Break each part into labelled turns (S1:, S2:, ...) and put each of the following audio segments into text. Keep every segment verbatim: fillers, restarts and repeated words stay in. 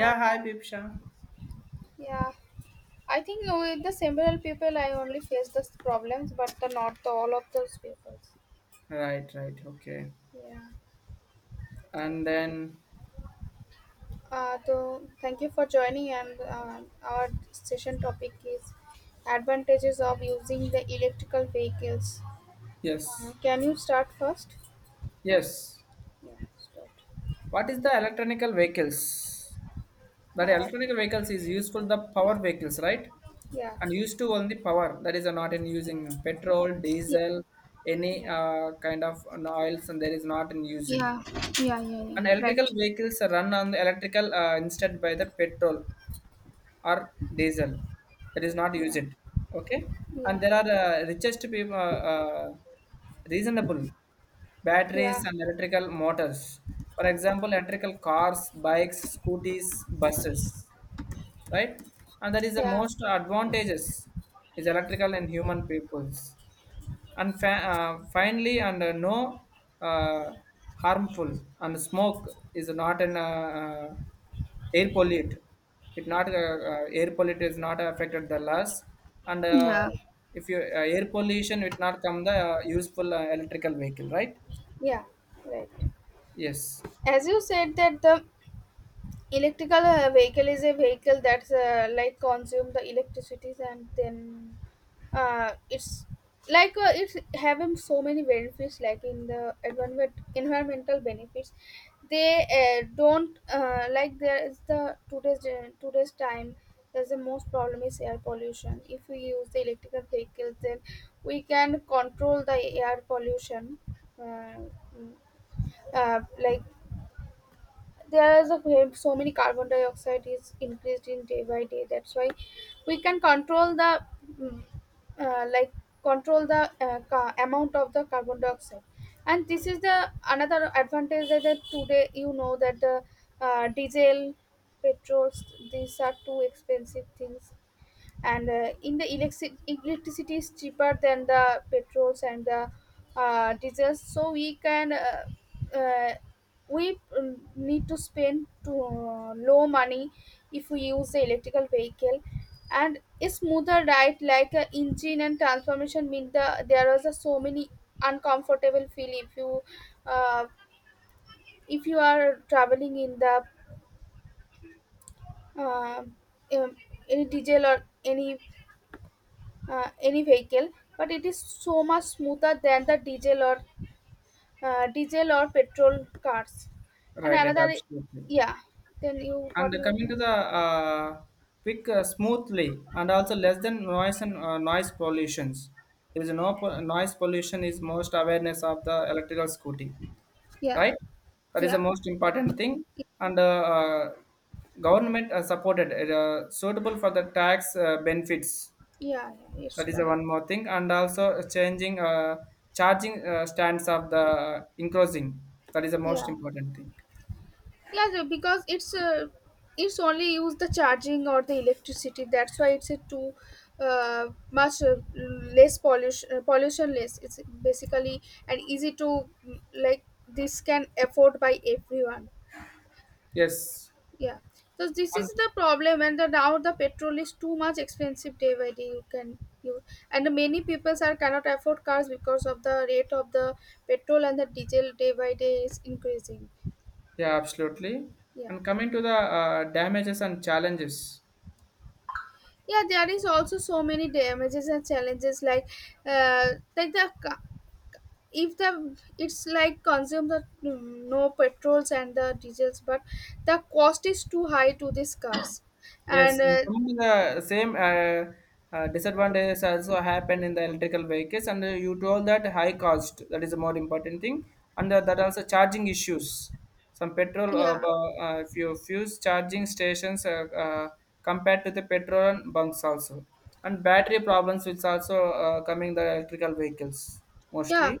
S1: Uh,
S2: hi Bibsha.
S1: yeah, I think no, with the several people I only face this problems but the, not the, all of those people.
S2: Right, right, okay.
S1: Yeah.
S2: And then
S1: Uh, so thank you for joining, and uh, our session topic is advantages of using the electrical vehicles. uh,
S2: yes.
S1: can you start first?
S2: Yes.
S1: Yeah, start.
S2: What is the electronical vehicles? That
S1: uh,
S2: electronical vehicles is useful the power vehicles, right?
S1: yeah.
S2: And used to only power. That is uh, not in using petrol, diesel,
S1: Yeah,
S2: any
S1: yeah
S2: uh, kind of an oils, and there is not in using.
S1: yeah, yeah, yeah, yeah.
S2: And electrical
S1: Right.
S2: vehicles are run on the electrical uh, instead by the petrol. Or diesel, that is not
S1: Yeah,
S2: used. Okay. And
S1: yeah,
S2: there are uh, richest people uh, uh, reasonable batteries
S1: yeah,
S2: and electrical motors, for example electrical cars, bikes, scooters, buses, right? And that is the
S1: yeah.
S2: most advantages is electrical and human peoples. And fa- uh, finally and uh, no uh, harmful and smoke is not an uh, uh, air pollute. It not uh, uh, air pollute is not affected the loss. And uh,
S1: Yeah.
S2: if you uh, air pollution it not come the uh, useful uh, electrical vehicle, right?
S1: Yeah, right.
S2: Yes.
S1: As you said, that the electrical uh, vehicle is a vehicle that's uh, like consume the electricity, and then uh, it's like uh, it's having so many benefits, like in the environment environmental benefits. They uh, don't uh, like, there is the today's gen- today's time, there's the most problem is air pollution. If we use the electrical vehicles, then we can control the air pollution. uh, mm, uh, like, there is a way- so many carbon dioxide is increased in day by day, that's why we can control the mm, uh, like, control the uh, ca- amount of the carbon dioxide. And this is the another advantage, that, that today you know that the uh, diesel, petrols, these are two expensive things. And uh, in the electric electricity is cheaper than the petrols and the uh, diesels, so we can uh, uh, we um, need to spend to uh, low money if we use the electrical vehicle. And a smoother ride, like a engine and transformation mean the, there is a so many uncomfortable feel if you uh, if you are traveling in the uh, um, any diesel or any uh, any vehicle, but it is so much smoother than the diesel or uh, diesel or petrol cars. And
S2: Right and
S1: another,
S2: absolutely.
S1: yeah. Then you
S2: And
S1: what you.
S2: coming to the uh, quick uh, smoothly and also less than noise and uh, noise pollutions. There is no po- noise pollution is most awareness of the electrical scooty,
S1: Yeah.
S2: right? That is the
S1: Yeah.
S2: most important thing.
S1: Yeah.
S2: And uh, uh, government uh, supported, uh, suitable for the tax uh, benefits.
S1: Yeah, it's
S2: That is the
S1: right.
S2: one more thing. And also changing uh, charging uh, stands of the uh, increasing. That is the most
S1: Yeah.
S2: important thing.
S1: Yeah, so because it's uh, it's only use the charging or the electricity, that's why it's a too uh, much uh, less pollution, uh, pollution less it's basically. And easy to mm, like, this can afford by everyone.
S2: Yes.
S1: Yeah. So this
S2: And
S1: is the problem, and the, now the petrol is too much expensive day by day, you can you, and many people are cannot afford cars because of the rate of the petrol and the diesel day by day is increasing.
S2: yeah, absolutely.
S1: Yeah.
S2: And coming to the uh, damages and challenges.
S1: Yeah, there is also so many damages and challenges, like uh like the ca- if the, it's like consume the mm, no petrols and the diesels, but the cost is too high to these cars.
S2: Yes,
S1: And
S2: and
S1: uh,
S2: coming to the same uh, uh, disadvantages also happen in the electrical vehicles, and uh, you told that high cost that is a more important thing, and uh, that also charging issues. Some petrol, uh,
S1: yeah,
S2: bu- uh, if you fuse charging stations uh, uh, compared to the petrol and bunks also, and battery problems which also uh, coming the electrical vehicles
S1: yeah.
S2: mostly.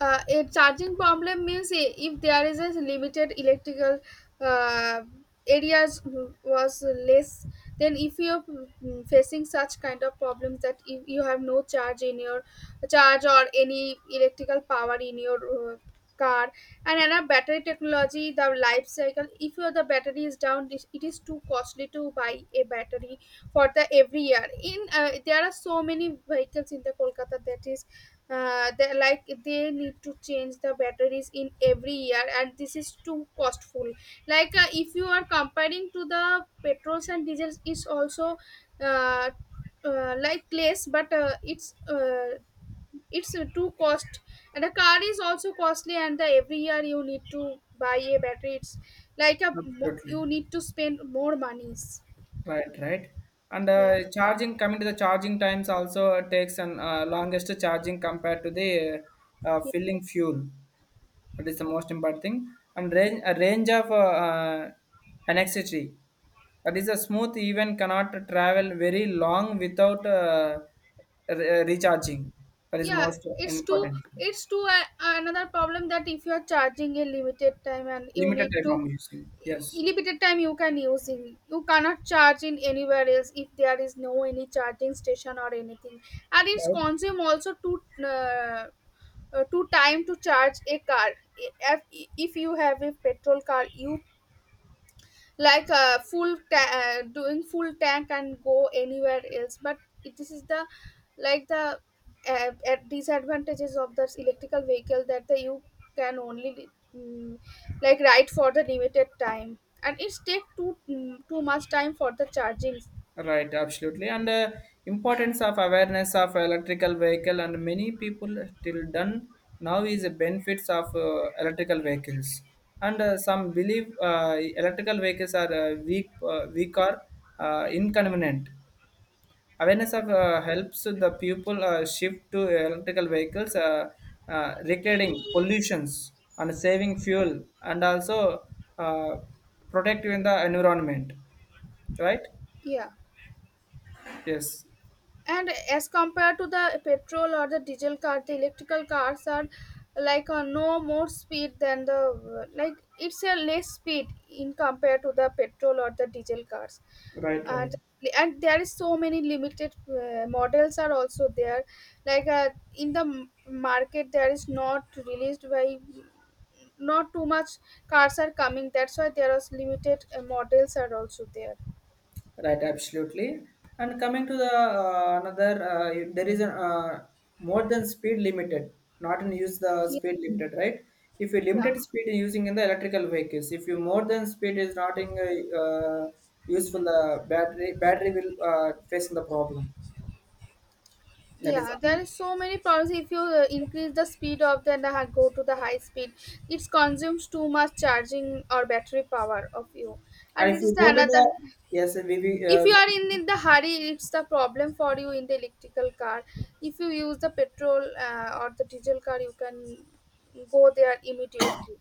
S1: Uh, a charging problem means, i- if there is a limited electrical uh, areas w- was less, then if you're mm, facing such kind of problems, that if you have no charge in your charge or any electrical power in your uh, car. And another battery technology, the life cycle, if your the battery is down, it it is too costly to buy a battery for the every year. In uh, there are so many vehicles in the Kolkata, that is uh, they like they need to change the batteries in every year, and this is too costful. Like uh, if you are comparing to the petrols and diesels is also uh, uh, like less, but uh, it's uh, it's uh, too cost. And a car is also costly, and the every year you need to buy a battery, it's like a mo-
S2: Absolutely.
S1: you need to spend more monies.
S2: Right, right. And
S1: Yeah.
S2: uh, charging, coming to the charging times also takes an uh, longest charging compared to the uh, uh, filling fuel. That is the most important thing. And range, a range of uh, uh, anxiety. That is a smooth even cannot travel very long without uh, re- uh, recharging. That is
S1: Yeah,
S2: most
S1: it's too,
S2: important.
S1: it's too uh, another problem that if you are charging a limited time, and you
S2: Limited
S1: need
S2: time
S1: to,
S2: I'm using. Yes.
S1: limited time you can use in, you cannot charge in anywhere else if there is no any charging station or anything. And it's
S2: Right.
S1: consume also to uh, uh, to time to charge a car. If, if you have a petrol car, you like uh, full ta- uh, doing full tank and go anywhere else, but it- this is the like the uh, uh, disadvantages of this electrical vehicle, that the, you can only mm, like ride for the limited time, and it's take too mm, too much time for the charging.
S2: Right, absolutely. And uh, importance of awareness of electrical vehicle and many people till done now is the benefits of uh, electrical vehicles. And uh, some believe uh, electrical vehicles are uh, weak, uh, weak or uh, inconvenient. Awareness of uh, helps the people uh, shift to electrical vehicles, uh, uh, recreating pollutions and saving fuel, and also uh, protecting the environment. Right?
S1: Yeah.
S2: Yes.
S1: And as compared to the petrol or the diesel car, the electrical cars are like a no more speed than the, like it's a less speed in compared to the petrol or the diesel cars.
S2: Right, right.
S1: and and there is so many limited uh, models are also there. Like uh, in the m- market, there is not released by not too much cars are coming, that's why there is limited uh, models are also there.
S2: Right, absolutely. And coming to the uh, another, uh, you- there is a uh, more than speed limited, not in use the
S1: Yeah.
S2: speed limited, right? If you limited speed in using in the electrical vehicles, if you more than speed is not in uh, uh, useful, the battery battery will uh, facing the problem. That is,
S1: Yeah, there
S2: um,
S1: is so many problems. If you uh, increase the speed of the, and the go to the high speed, it consumes too much charging or battery power of you,
S2: and
S1: and
S2: if
S1: it is
S2: you
S1: the
S2: go to
S1: another.
S2: the yes, we, we,
S1: If
S2: uh,
S1: you are in,
S2: we
S1: in the hurry, it's the problem for you in the electrical car. If you use the petrol uh, or the diesel car, you can go there immediately,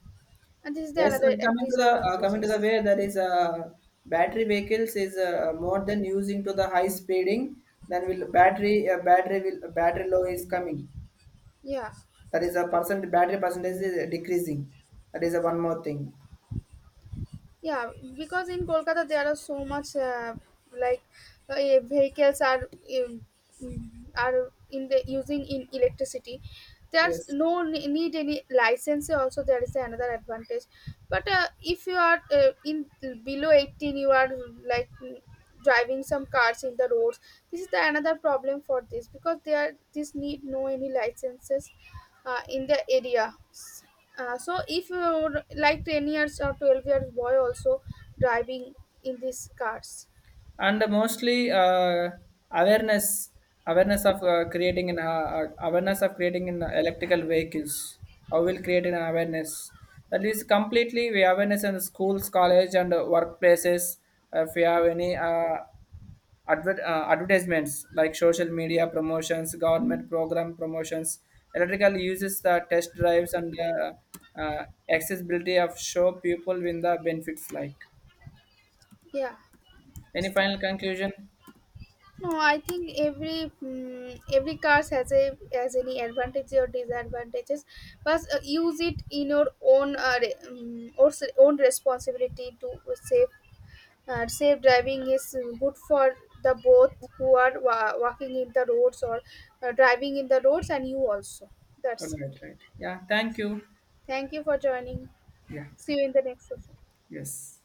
S1: and this is the
S2: yes,
S1: another
S2: and coming to the uh, coming to the
S1: disadvantages.
S2: way there is uh, battery vehicles is uh, more than using to the high speeding then will battery uh, battery will uh, battery low is coming.
S1: Yeah.
S2: That is a percent battery percentage is decreasing. That is a one more thing.
S1: Yeah, because in Kolkata there are so much uh, like uh, eh, vehicles are um, are in the using in electricity. There's
S2: Yes.
S1: no ne- need any license. Also, there is another advantage. But uh, if you are uh, in below eighteen, you are like mm, driving some cars in the roads. This is the another problem for this, because there this need no any licenses uh, in the area. Uh, so if you would like ten years or twelve years boy also driving in these cars.
S2: And mostly uh, awareness awareness of uh, creating in uh, uh, awareness of creating in electrical vehicles, how will create an awareness, that is completely we awareness in the schools, college and uh, workplaces. Uh, if we have any uh, adver- uh, advertisements like social media promotions, government program promotions, electrical uses the test drives and uh, uh, accessibility of show people in the benefits, like
S1: Yeah. It's,
S2: any final conclusion.
S1: no, I think every mm every cars has a has any advantages or disadvantages, but uh, use it in your own uh, re- mm, or s- own responsibility to save. Uh, safe driving is good for the both, who are wa- walking in the roads or uh, driving in the roads, and you also.
S2: All
S1: That's it.
S2: right, right. Yeah, thank you.
S1: Thank you for joining.
S2: Yeah,
S1: See you in the next session.
S2: yes.